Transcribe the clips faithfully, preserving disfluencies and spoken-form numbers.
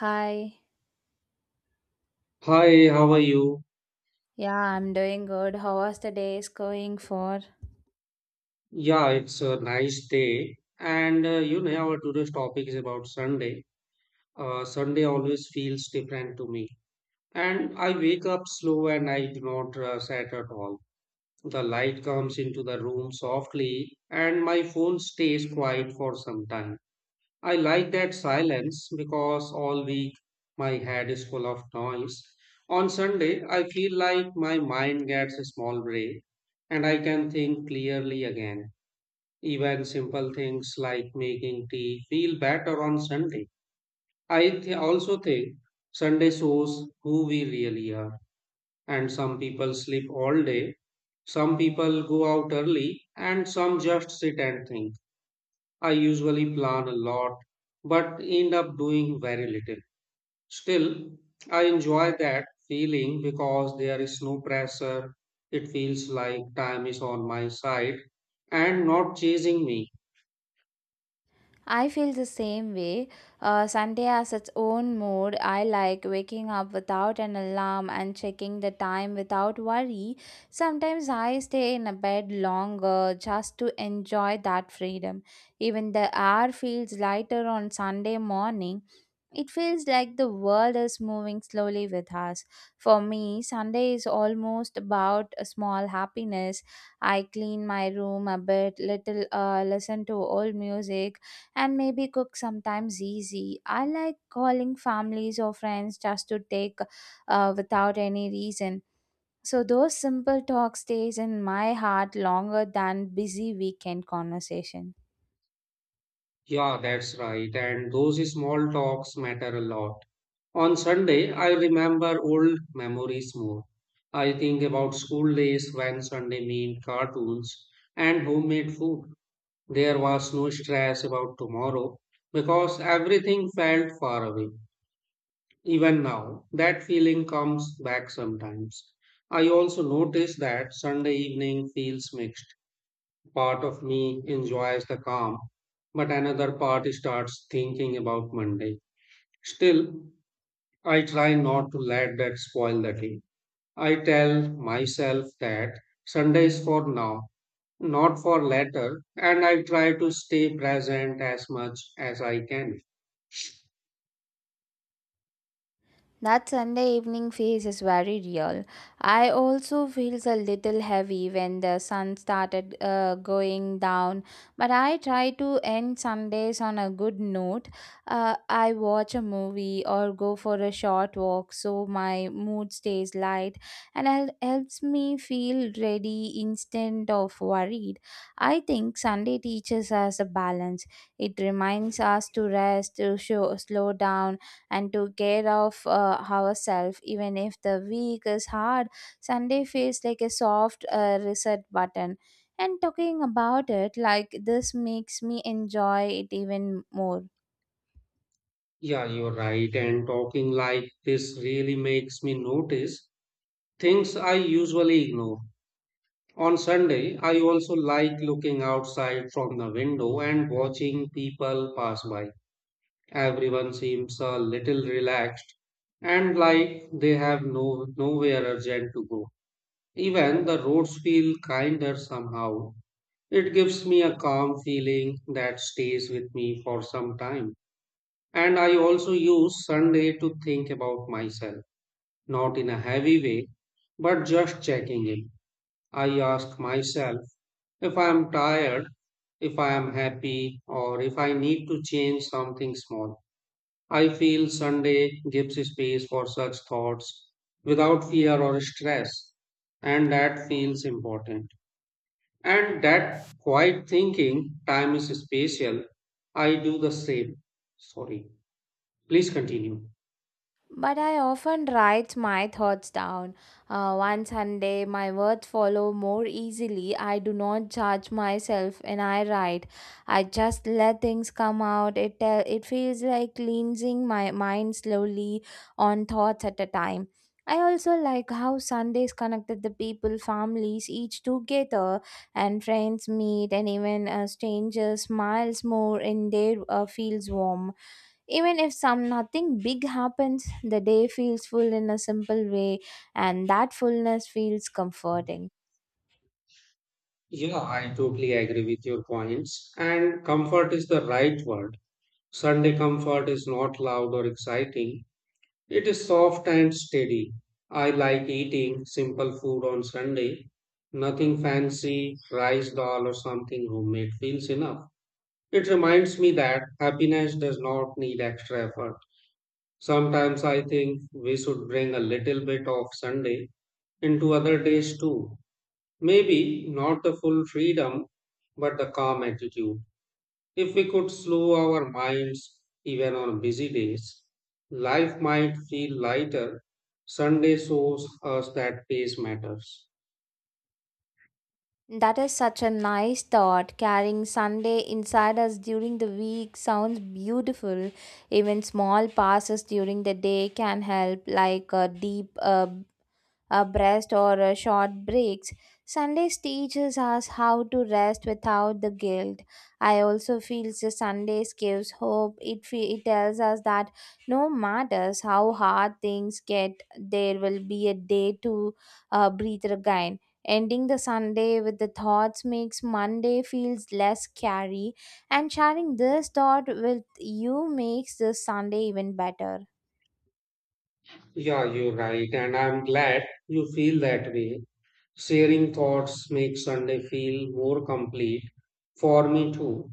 Hi. Hi, how are you? Yeah, I'm doing good. How was the day is going for? Yeah, it's a nice day. And uh, you know, our today's topic is about Sunday. Uh, Sunday always feels different to me. And I wake up slow and I do not rush at all. The light comes into the room softly and my phone stays quiet for some time. I like that silence because all week my head is full of noise. On Sunday, I feel like my mind gets a small break and I can think clearly again. Even simple things like making tea feel better on Sunday. I th- also think Sunday shows who we really are. And some people sleep all day, some people go out early, and some just sit and think. I usually plan a lot, but end up doing very little. Still, I enjoy that feeling because there is no pressure. It feels like time is on my side and not chasing me. I feel the same way. Uh, Sunday has its own mood. I like waking up without an alarm and checking the time without worry. Sometimes I stay in a bed longer just to enjoy that freedom. Even the air feels lighter on Sunday morning. It feels like the world is moving slowly with us. For me, Sunday is almost about a small happiness. I clean my room a bit, little uh, listen to old music and maybe cook sometimes easy. I like calling families or friends just to take uh, without any reason. So those simple talk stays in my heart longer than busy weekend conversation. Yeah, that's right. And those small talks matter a lot. On Sunday, I remember old memories more. I think about school days when Sunday meant cartoons and homemade food. There was no stress about tomorrow because everything felt far away. Even now, that feeling comes back sometimes. I also notice that Sunday evening feels mixed. Part of me enjoys the calm, but another part starts thinking about Monday. Still, I try not to let that spoil the day. I tell myself that Sunday is for now, not for later, and I try to stay present as much as I can. That Sunday evening phase is very real. I also feels a little heavy when the sun started uh, going down, but I try to end Sundays on a good note. Uh, I watch a movie or go for a short walk so my mood stays light and it helps me feel ready instead of worried. I think Sunday teaches us a balance. It reminds us to rest, to show, slow down and to care of uh, ourselves even if the week is hard. Sunday feels like a soft uh, reset button and talking about it like this makes me enjoy it even more. Yeah, you're right, and talking like this really makes me notice things I usually ignore. On Sunday, I also like looking outside from the window and watching people pass by. Everyone seems a little relaxed and like they have no nowhere urgent to go. Even the roads feel kinder somehow. It gives me a calm feeling that stays with me for some time. And I also use Sunday to think about myself, not in a heavy way, but just checking in. I ask myself if I am tired, if I am happy, or if I need to change something small. I feel Sunday gives space for such thoughts without fear or stress, and that feels important. And that quiet thinking time is spatial. I do the same. Sorry. Please continue. But I often write my thoughts down. Uh, one Sunday, my words follow more easily. I do not judge myself when I write. I just let things come out. It tell, it feels like cleansing my mind slowly on thoughts at a time. I also like how Sundays connected the people, families, each together, and friends meet, and even uh, strangers smiles more, and their uh, feels warm. Even if some nothing big happens, the day feels full in a simple way, and that fullness feels comforting. Yeah, I totally agree with your points. And comfort is the right word. Sunday comfort is not loud or exciting. It is soft and steady. I like eating simple food on Sunday. Nothing fancy, rice dal or something homemade feels enough. It reminds me that happiness does not need extra effort. Sometimes I think we should bring a little bit of Sunday into other days too. Maybe not the full freedom, but the calm attitude. If we could slow our minds even on busy days, life might feel lighter. Sunday shows us that pace matters. That is such a nice thought. Carrying Sunday inside us during the week sounds beautiful. Even small passes during the day can help, like a deep uh, a breast or a short breaks. Sundays teaches us how to rest without the guilt. I also feel the Sundays gives hope. It fe- it tells us that no matters how hard things get, there will be a day to uh, breathe again. Ending the Sunday with the thoughts makes Monday feels less scary, and sharing this thought with you makes this Sunday even better. Yeah, you're right, and I'm glad you feel that way. Sharing thoughts makes Sunday feel more complete for me too.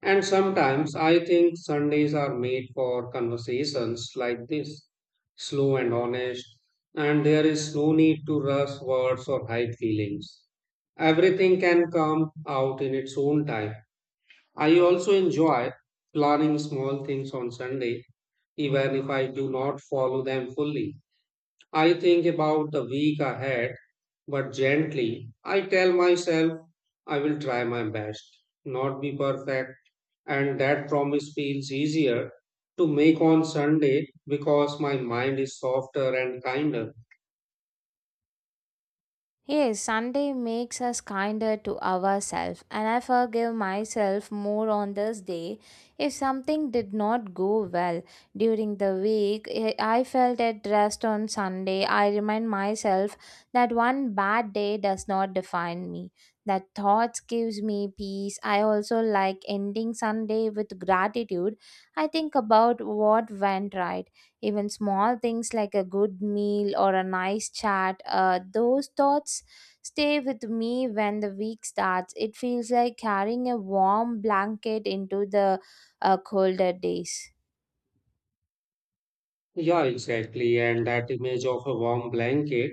And sometimes I think Sundays are made for conversations like this, slow and honest, and there is no need to rush words or hide feelings. Everything can come out in its own time. I also enjoy planning small things on Sunday, even if I do not follow them fully. I think about the week ahead, but gently I tell myself I will try my best, not be perfect, and that promise feels easier to make on Sunday because my mind is softer and kinder. Yes, Sunday makes us kinder to ourselves, and I forgive myself more on this day. If something did not go well during the week, I I felt at rest on Sunday. I remind myself that one bad day does not define me. That thoughts gives me peace. I also like ending Sunday with gratitude. I think about what went right, even small things like a good meal or a nice chat. Uh, those thoughts stay with me when the week starts. It feels like carrying a warm blanket into the uh, colder days. Yeah, exactly, and that image of a warm blanket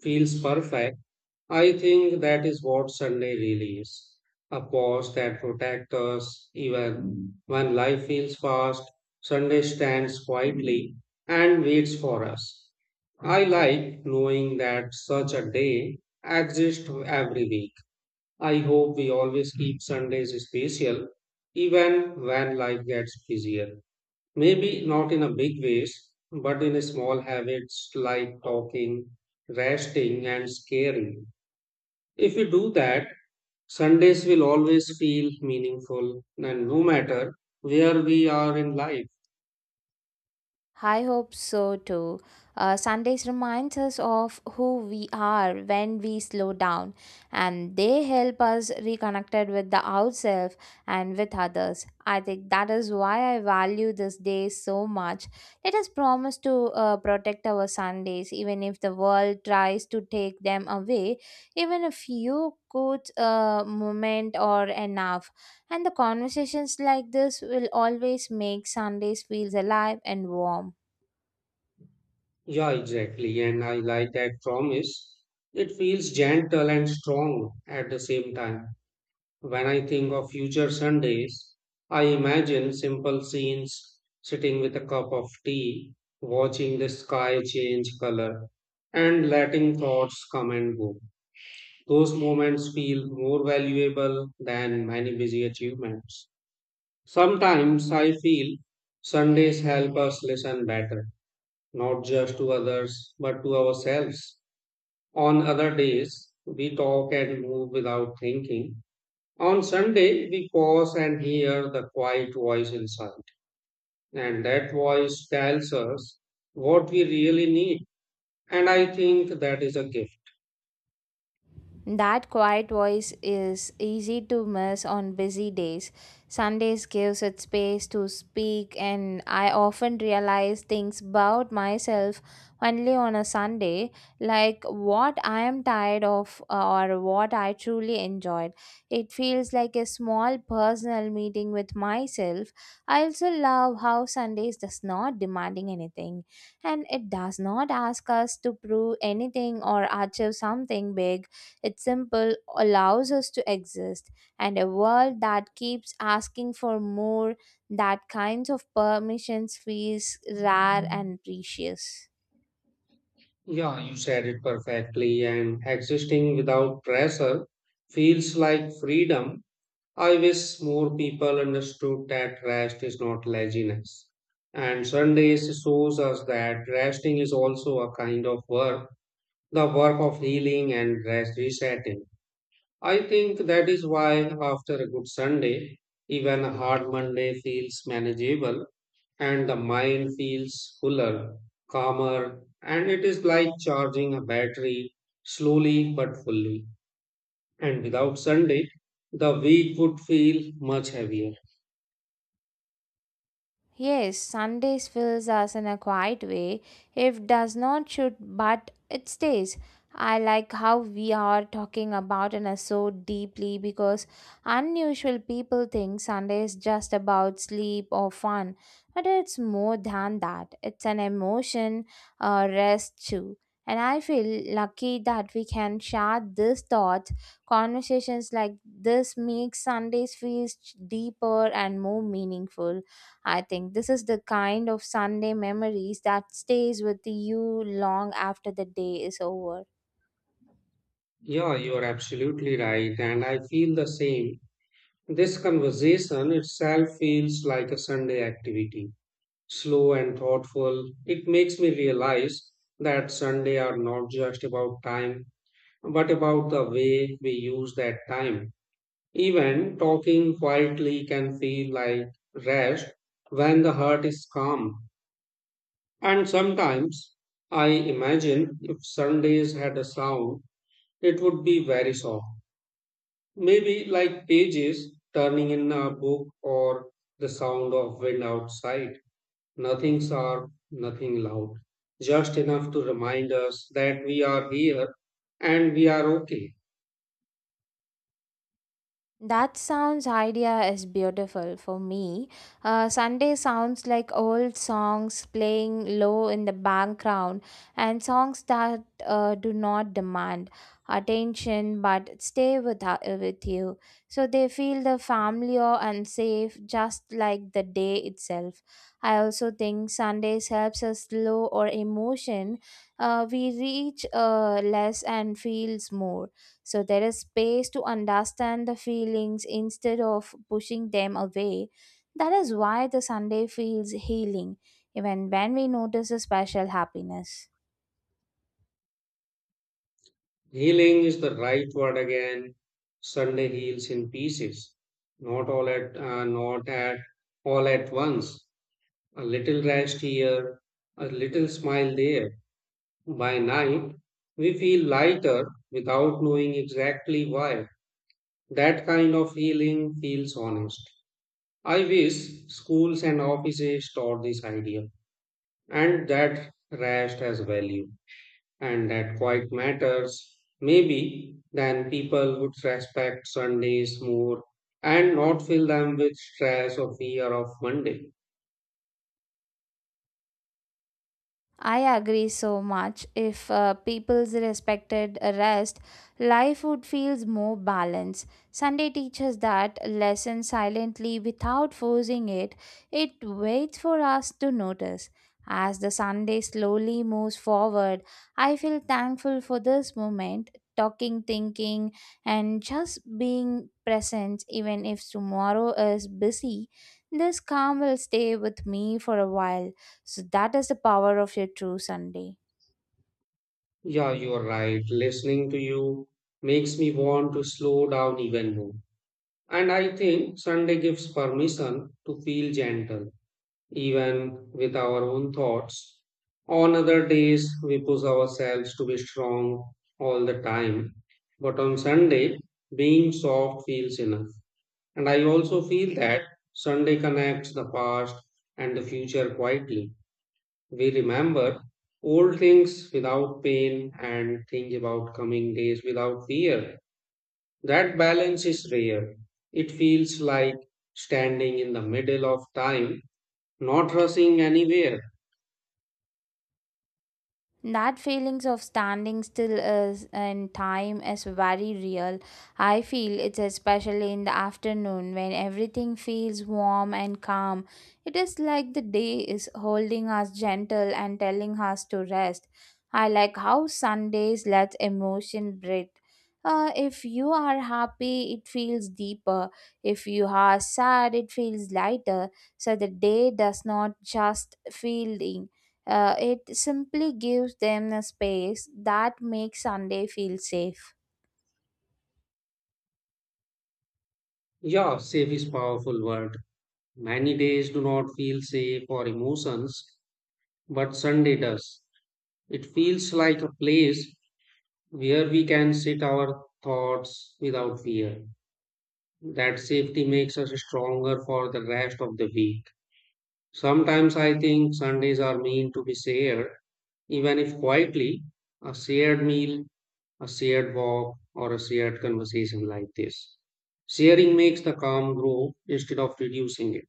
feels perfect. I think that is what Sunday really is, a pause that protects us even when life feels fast. Sunday stands quietly and waits for us. I like knowing that such a day exists every week. I hope we always keep Sundays special even when life gets busier. Maybe not in a big ways, but in small habits like talking, resting, and caring. If we do that, Sundays will always feel meaningful, and no matter where we are in life. I hope so too. Uh, Sundays reminds us of who we are when we slow down, and they help us reconnected with the ourselves and with others. I think that is why I value this day so much. Let us promise to uh, protect our Sundays, even if the world tries to take them away. Even a few good uh, moment or enough, and the conversations like this will always make Sundays feels alive and warm. Yeah, exactly. And I like that promise. It feels gentle and strong at the same time. When I think of future Sundays, I imagine simple scenes sitting with a cup of tea, watching the sky change color, and letting thoughts come and go. Those moments feel more valuable than many busy achievements. Sometimes I feel Sundays help us listen better, not just to others, but to ourselves. On other days, we talk and move without thinking. On Sunday, we pause and hear the quiet voice inside. And that voice tells us what we really need. And I think that is a gift. That quiet voice is easy to miss on busy days. Sundays gives it space to speak, and I often realize things about myself only on a Sunday, like what I am tired of, uh, or what I truly enjoyed. It feels like a small personal meeting with myself. I also love how Sundays does not demanding anything, and it does not ask us to prove anything or achieve something big. It's simple, allows us to exist, and a world that keeps asking for more, that kinds of permissions feels rare and precious. Yeah, you said it perfectly. And existing without pressure feels like freedom. I wish more people understood that rest is not laziness. And Sundays shows us that resting is also a kind of work, the work of healing and rest resetting. I think that is why after a good Sunday, even a hard Monday feels manageable and the mind feels fuller, calmer, and it is like charging a battery slowly but fully. And without Sunday, the week would feel much heavier. Yes, Sundays fills us in a quiet way. It does not shoot, but it stays. I like how we are talking about it so deeply because unusual people think Sunday is just about sleep or fun, but it's more than that. It's an emotion, a rest too. And I feel lucky that we can share these thoughts. Conversations like this make Sundays feel deeper and more meaningful. I think this is the kind of Sunday memories that stays with you long after the day is over. Yeah, you're absolutely right, and I feel the same. This conversation itself feels like a Sunday activity, slow and thoughtful. It makes me realize that Sunday are not just about time, but about the way we use that time. Even talking quietly can feel like rest when the heart is calm. And sometimes I imagine if Sundays had a sound, it would be very soft. Maybe like pages turning in a book or the sound of wind outside. Nothing sharp, nothing loud. Just enough to remind us that we are here and we are okay. That sounds idea is beautiful for me. Uh, Sunday sounds like old songs playing low in the background and songs that uh, do not demand attention but stay with, uh, with you. So they feel the familiar and safe just like the day itself. I also think Sundays helps us slow our emotion. Uh, we reach uh, less and feels more. So there is space to understand the feelings instead of pushing them away. That is why the Sunday feels healing, even when we notice a special happiness. Healing is the right word again. Sunday heals in pieces. Not all at uh, not at all at once. A little rest here, a little smile there. By night, we feel lighter without knowing exactly why. That kind of healing feels honest. I wish schools and offices taught this idea and that rest has value and that quite matters. Maybe then people would respect Sundays more and not fill them with stress or fear of Monday. I agree so much. If uh, people's respected rest, life would feels more balanced. Sunday teaches that lesson silently without forcing it. It waits for us to notice. As the Sunday slowly moves forward, I feel thankful for this moment, talking, thinking, and just being present, even if tomorrow is busy. This calm will stay with me for a while. So that is the power of your true Sunday. Yeah, you're right. Listening to you makes me want to slow down even more. And I think Sunday gives permission to feel gentle even with our own thoughts. On other days, we push ourselves to be strong all the time. But on Sunday, being soft feels enough. And I also feel that Sunday connects the past and the future quietly. We remember old things without pain and think about coming days without fear. That balance is rare. It feels like standing in the middle of time, not rushing anywhere. That feelings of standing still is in time is very real. I feel it's especially in the afternoon when everything feels warm and calm. It is like the day is holding us gentle and telling us to rest. I like how Sundays let emotion breathe. Uh, if you are happy, it feels deeper. If you are sad, it feels lighter. So the day does not just feel, uh, it simply gives them a space that makes Sunday feel safe. Yeah, safe is powerful word. Many days do not feel safe or emotions, but Sunday does. It feels like a place where we can sit our thoughts without fear. That safety makes us stronger for the rest of the week. Sometimes I think Sundays are meant to be shared, even if quietly, a shared meal, a shared walk, or a shared conversation like this. Sharing makes the calm grow instead of reducing it.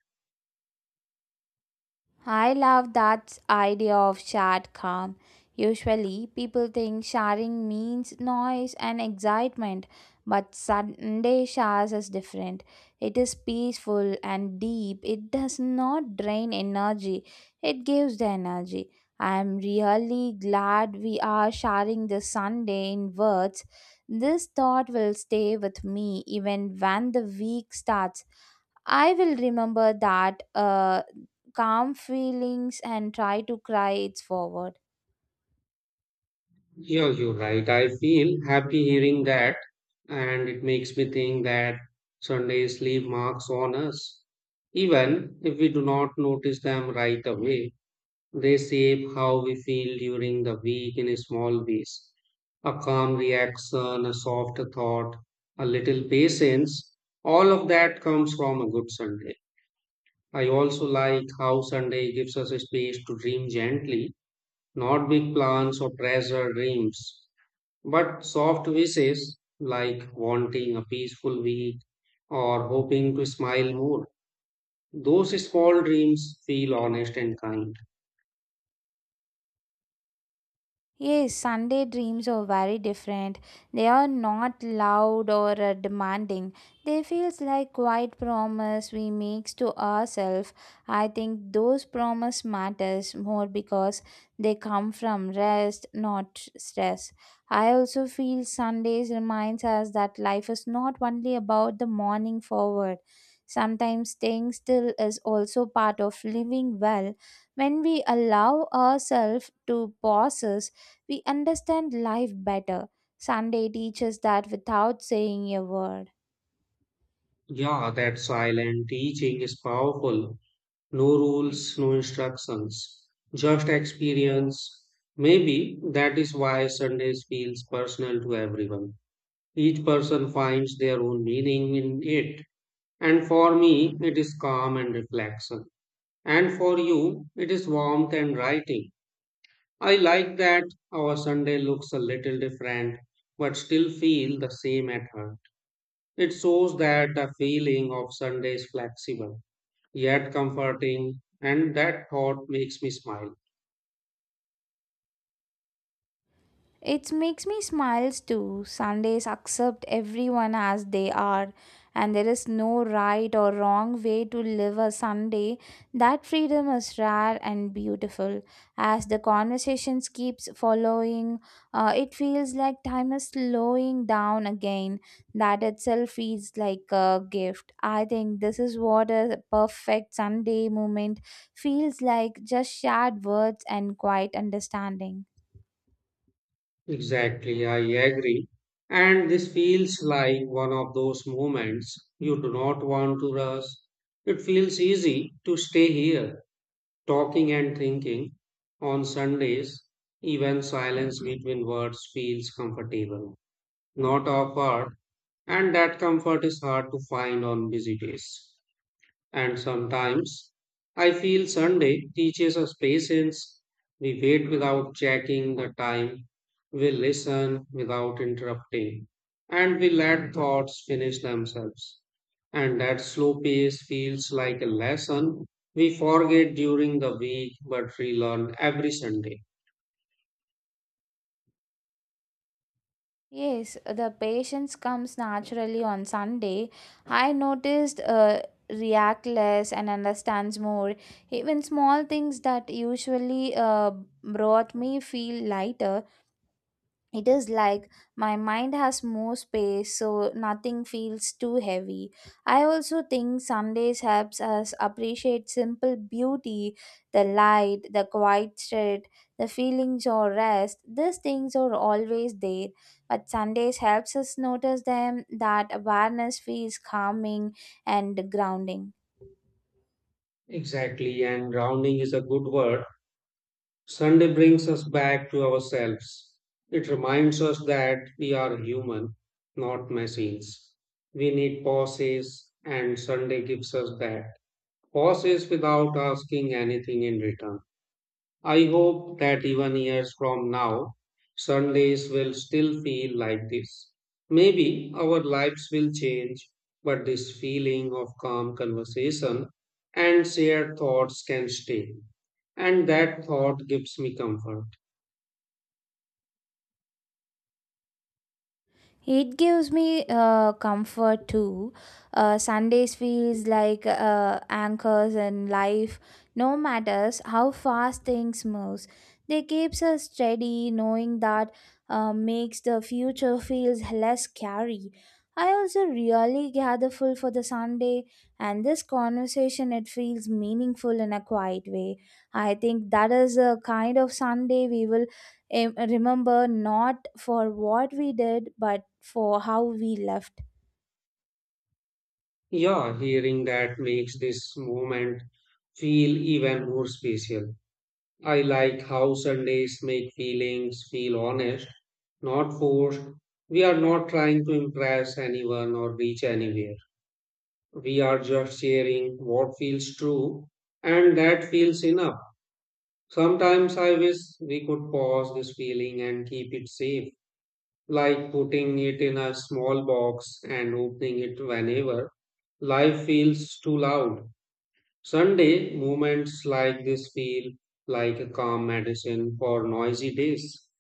I love that idea of shared calm. Usually, people think sharing means noise and excitement, but Sunday showers is different. It is peaceful and deep. It does not drain energy, it gives the energy. I am really glad we are sharing this Sunday in words. This thought will stay with me even when the week starts. I will remember that uh, calm feelings and try to cry it's forward. Yeah, you're right. I feel happy hearing that, and it makes me think that Sundays leave marks on us. Even if we do not notice them right away, they shape how we feel during the week in small ways. A calm reaction, a soft thought, a little patience, all of that comes from a good Sunday. I also like how Sunday gives us a space to dream gently, not big plans or pressure dreams but soft wishes, like wanting a peaceful week or hoping to smile more, those small dreams feel honest and kind. Yes, Sunday dreams are very different. They are not loud or uh, demanding. They feels like quiet promise we makes to ourselves. I think those promise matters more because they come from rest, not stress. I also feel Sundays reminds us that life is not only about the morning forward. Sometimes staying still is also part of living well. When we allow ourselves to pauses, we understand life better. Sunday teaches that without saying a word. Yeah, that silent teaching is powerful. No rules, no instructions, just experience. Maybe that is why Sundays feels personal to everyone. Each person finds their own meaning in it. And for me, it is calm and reflection. And for you, it is warmth and writing. I like that our Sunday looks a little different, but still feel the same at heart. It shows that the feeling of Sunday is flexible, yet comforting, and that thought makes me smile. It makes me smiles too. Sundays accept everyone as they are, and there is no right or wrong way to live a Sunday. That freedom is rare and beautiful. As the conversations keeps following, uh, it feels like time is slowing down again. That itself feels like a gift. I think this is what a perfect Sunday moment feels like: just shared words and quiet understanding. Exactly, I agree. And this feels like one of those moments you do not want to rush. It feels easy to stay here. Talking and thinking on Sundays, even silence between words feels comfortable, not awkward, and that comfort is hard to find on busy days. And sometimes I feel Sunday teaches us patience. We wait without checking the time. We listen without interrupting. And we let thoughts finish themselves. And that slow pace feels like a lesson we forget during the week but relearn every Sunday. Yes, the patience comes naturally on Sunday. I noticed uh, react less and understands more. Even small things that usually uh, brought me feel lighter. It is like my mind has more space, so nothing feels too heavy. I also think Sundays helps us appreciate simple beauty, the light, the quiet street, the feelings or rest. These things are always there, but Sundays helps us notice them. That awareness feels calming and grounding. Exactly, and rounding is a good word. Sunday brings us back to ourselves. It reminds us that we are human, not machines. We need pauses, and Sunday gives us that. Pauses without asking anything in return. I hope that even years from now, Sundays will still feel like this. Maybe our lives will change, but this feeling of calm conversation and shared thoughts can stay. And that thought gives me comfort. It gives me uh, comfort too. Uh, Sundays feels like uh, anchors in life. No matters how fast things moves, they keeps us steady. Knowing that uh, makes the future feels less scary. I also really grateful for the Sunday and this conversation. It feels meaningful in a quiet way. I think that is a kind of Sunday we will em- remember, not for what we did but for how we left. Yeah, hearing that makes this moment feel even more special. I like how Sundays make feelings feel honest, not forced. We are not trying to impress anyone or reach anywhere. We are just sharing what feels true, and that feels enough. Sometimes I wish we could pause this feeling and keep it safe, like putting it in a small box and opening it whenever life feels too loud. Sunday moments like this feel like a calm medicine for noisy days.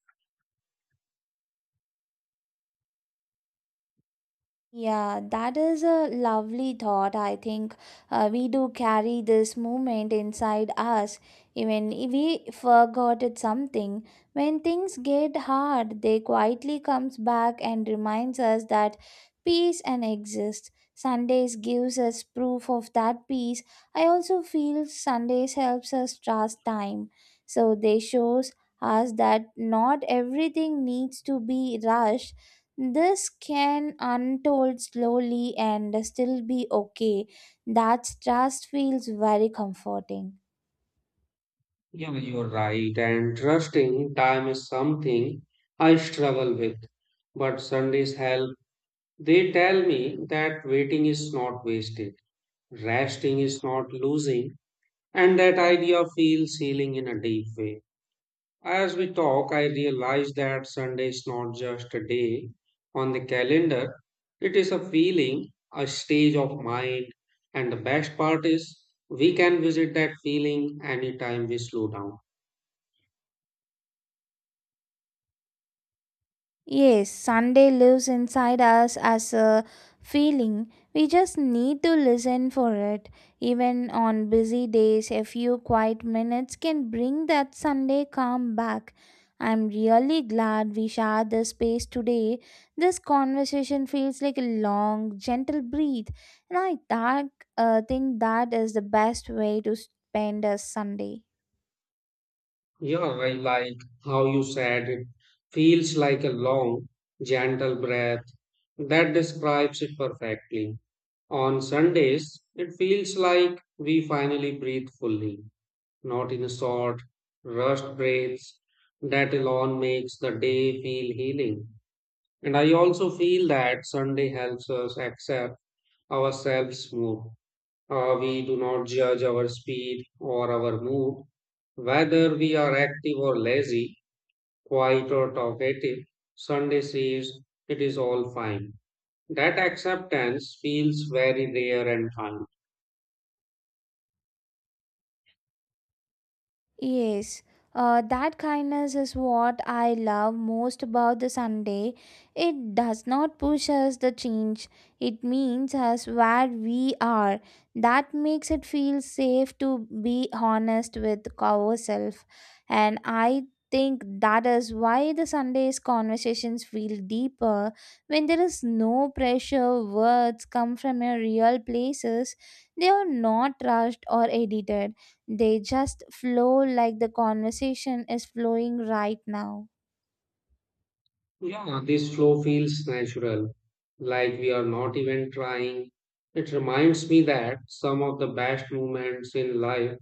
Yeah, that is a lovely thought. I think uh, we do carry this moment inside us, even if we forgot it something. When things get hard, they quietly comes back and reminds us that peace and exists. Sundays gives us proof of that peace. I also feel Sundays helps us trust time, so they shows us that not everything needs to be rushed, this can untold slowly and still be okay. That trust feels very comforting. Yeah, you're right. And trusting time is something I struggle with. But Sundays help. They tell me that waiting is not wasted, resting is not losing, and that idea feels healing in a deep way. As we talk, I realize that Sunday is not just a day on the calendar, it is a feeling, a stage of mind. And the best part is, we can visit that feeling anytime we slow down. Yes, Sunday lives inside us as a feeling. We just need to listen for it. Even on busy days, a few quiet minutes can bring that Sunday calm back. I'm really glad we shared this space today. This conversation feels like a long, gentle breathe, and I that, uh, think that is the best way to spend a Sunday. Yeah, I like how you said it feels like a long, gentle breath. That describes it perfectly. On Sundays, it feels like we finally breathe fully, not in short, rushed breaths. That alone makes the day feel healing. And I also feel that Sunday helps us accept ourselves more. Uh, we do not judge our speed or our mood, whether we are active or lazy, quiet or talkative. Sunday says, it is all fine. That acceptance feels very rare and kind. Yes, uh, that kindness is what I love most about the Sunday. It does not push us the change, it means us where we are. That makes it feel safe to be honest with ourselves. And I think that is why the Sunday's conversations feel deeper. When there is no pressure, words come from a real places. They are not rushed or edited, they just flow like the conversation is flowing right now. Yeah, this flow feels natural, like we are not even trying. It reminds me that some of the best moments in life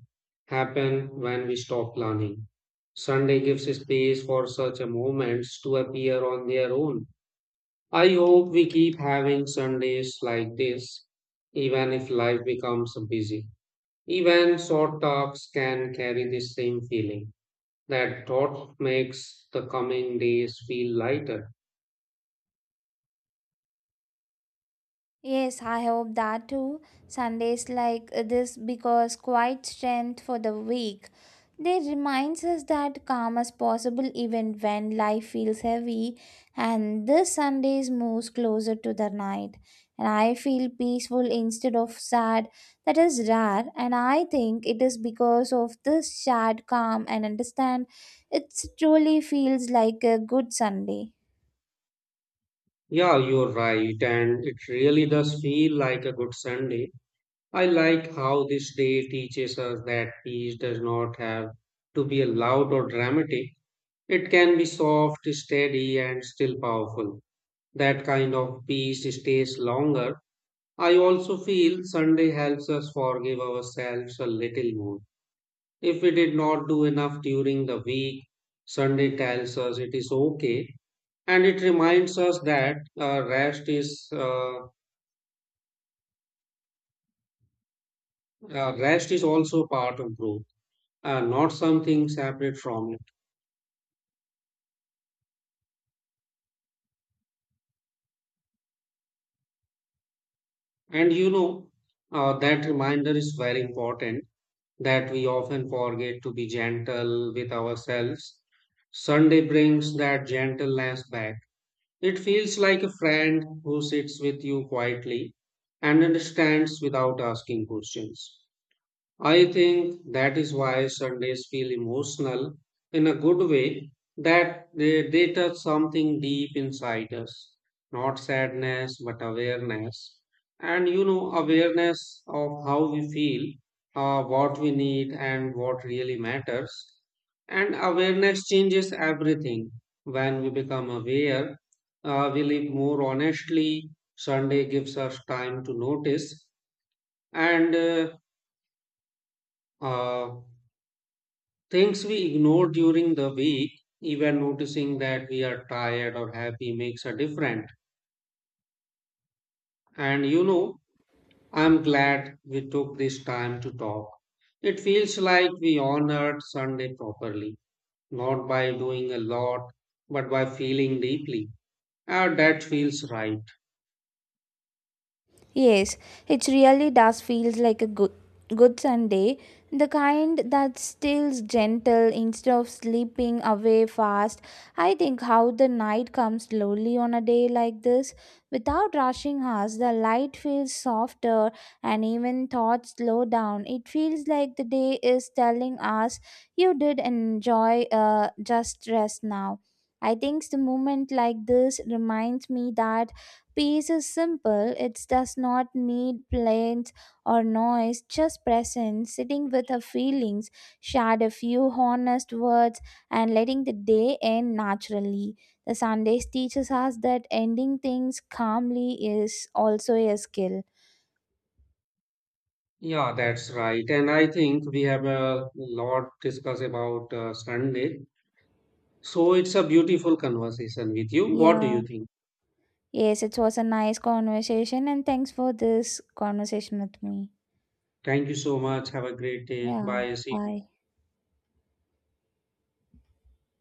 happen when we stop planning. Sunday gives space for such a moments to appear on their own. I hope we keep having Sundays like this, even if life becomes busy. Even short talks can carry the same feeling. That thought makes the coming days feel lighter. Yes, I hope that too. Sundays like this because quiet strength for the week. They reminds us that calm is possible even when life feels heavy, and this Sundays moves closer to the night. And I feel peaceful instead of sad. That is rare and I think it is because of this shared calm and understand. It truly feels like a good Sunday. Yeah, you're right, and it really does feel like a good Sunday. I like how this day teaches us that peace does not have to be loud or dramatic. It can be soft, steady, and still powerful. That kind of peace stays longer. I also feel Sunday helps us forgive ourselves a little more. If we did not do enough during the week, Sunday tells us it is okay, and it reminds us that uh, rest is uh, uh, rest is also part of growth, uh, not something separate from it. And you know uh, that reminder is very important, that we often forget to be gentle with ourselves. Sunday brings that gentleness back. It feels like a friend who sits with you quietly and understands without asking questions. I think that is why Sundays feel emotional in a good way, that they, they touch something deep inside us, not sadness, but awareness. And you know, awareness of how we feel, uh, what we need, and what really matters. And awareness changes everything. When we become aware, uh, we live more honestly. Sunday gives us time to notice and uh, uh, things we ignore during the week, even noticing that we are tired or happy makes a difference. And you know, I'm glad we took this time to talk. It feels like we honored Sunday properly, not by doing a lot, but by feeling deeply. Ah, that feels right. Yes, it really does feels like a good good Sunday, the kind that's still gentle instead of sleeping away fast. I think how the night comes slowly on a day like this, without rushing us, the light feels softer and even thoughts slow down. It feels like the day is telling us you did enjoy, uh, just rest now. I think the moment like this reminds me that peace is simple, it does not need planes or noise, just presence, sitting with her feelings, shared a few honest words, and letting the day end naturally. The Sundays teaches us that ending things calmly is also a skill. Yeah, that's right. And I think we have a lot discuss about uh, Sunday. So it's a beautiful conversation with you. What do Yeah. you think? Yes, it was a nice conversation, and thanks for this conversation with me. Thank you so much. Have a great day. Yeah. Bye. See you. Bye.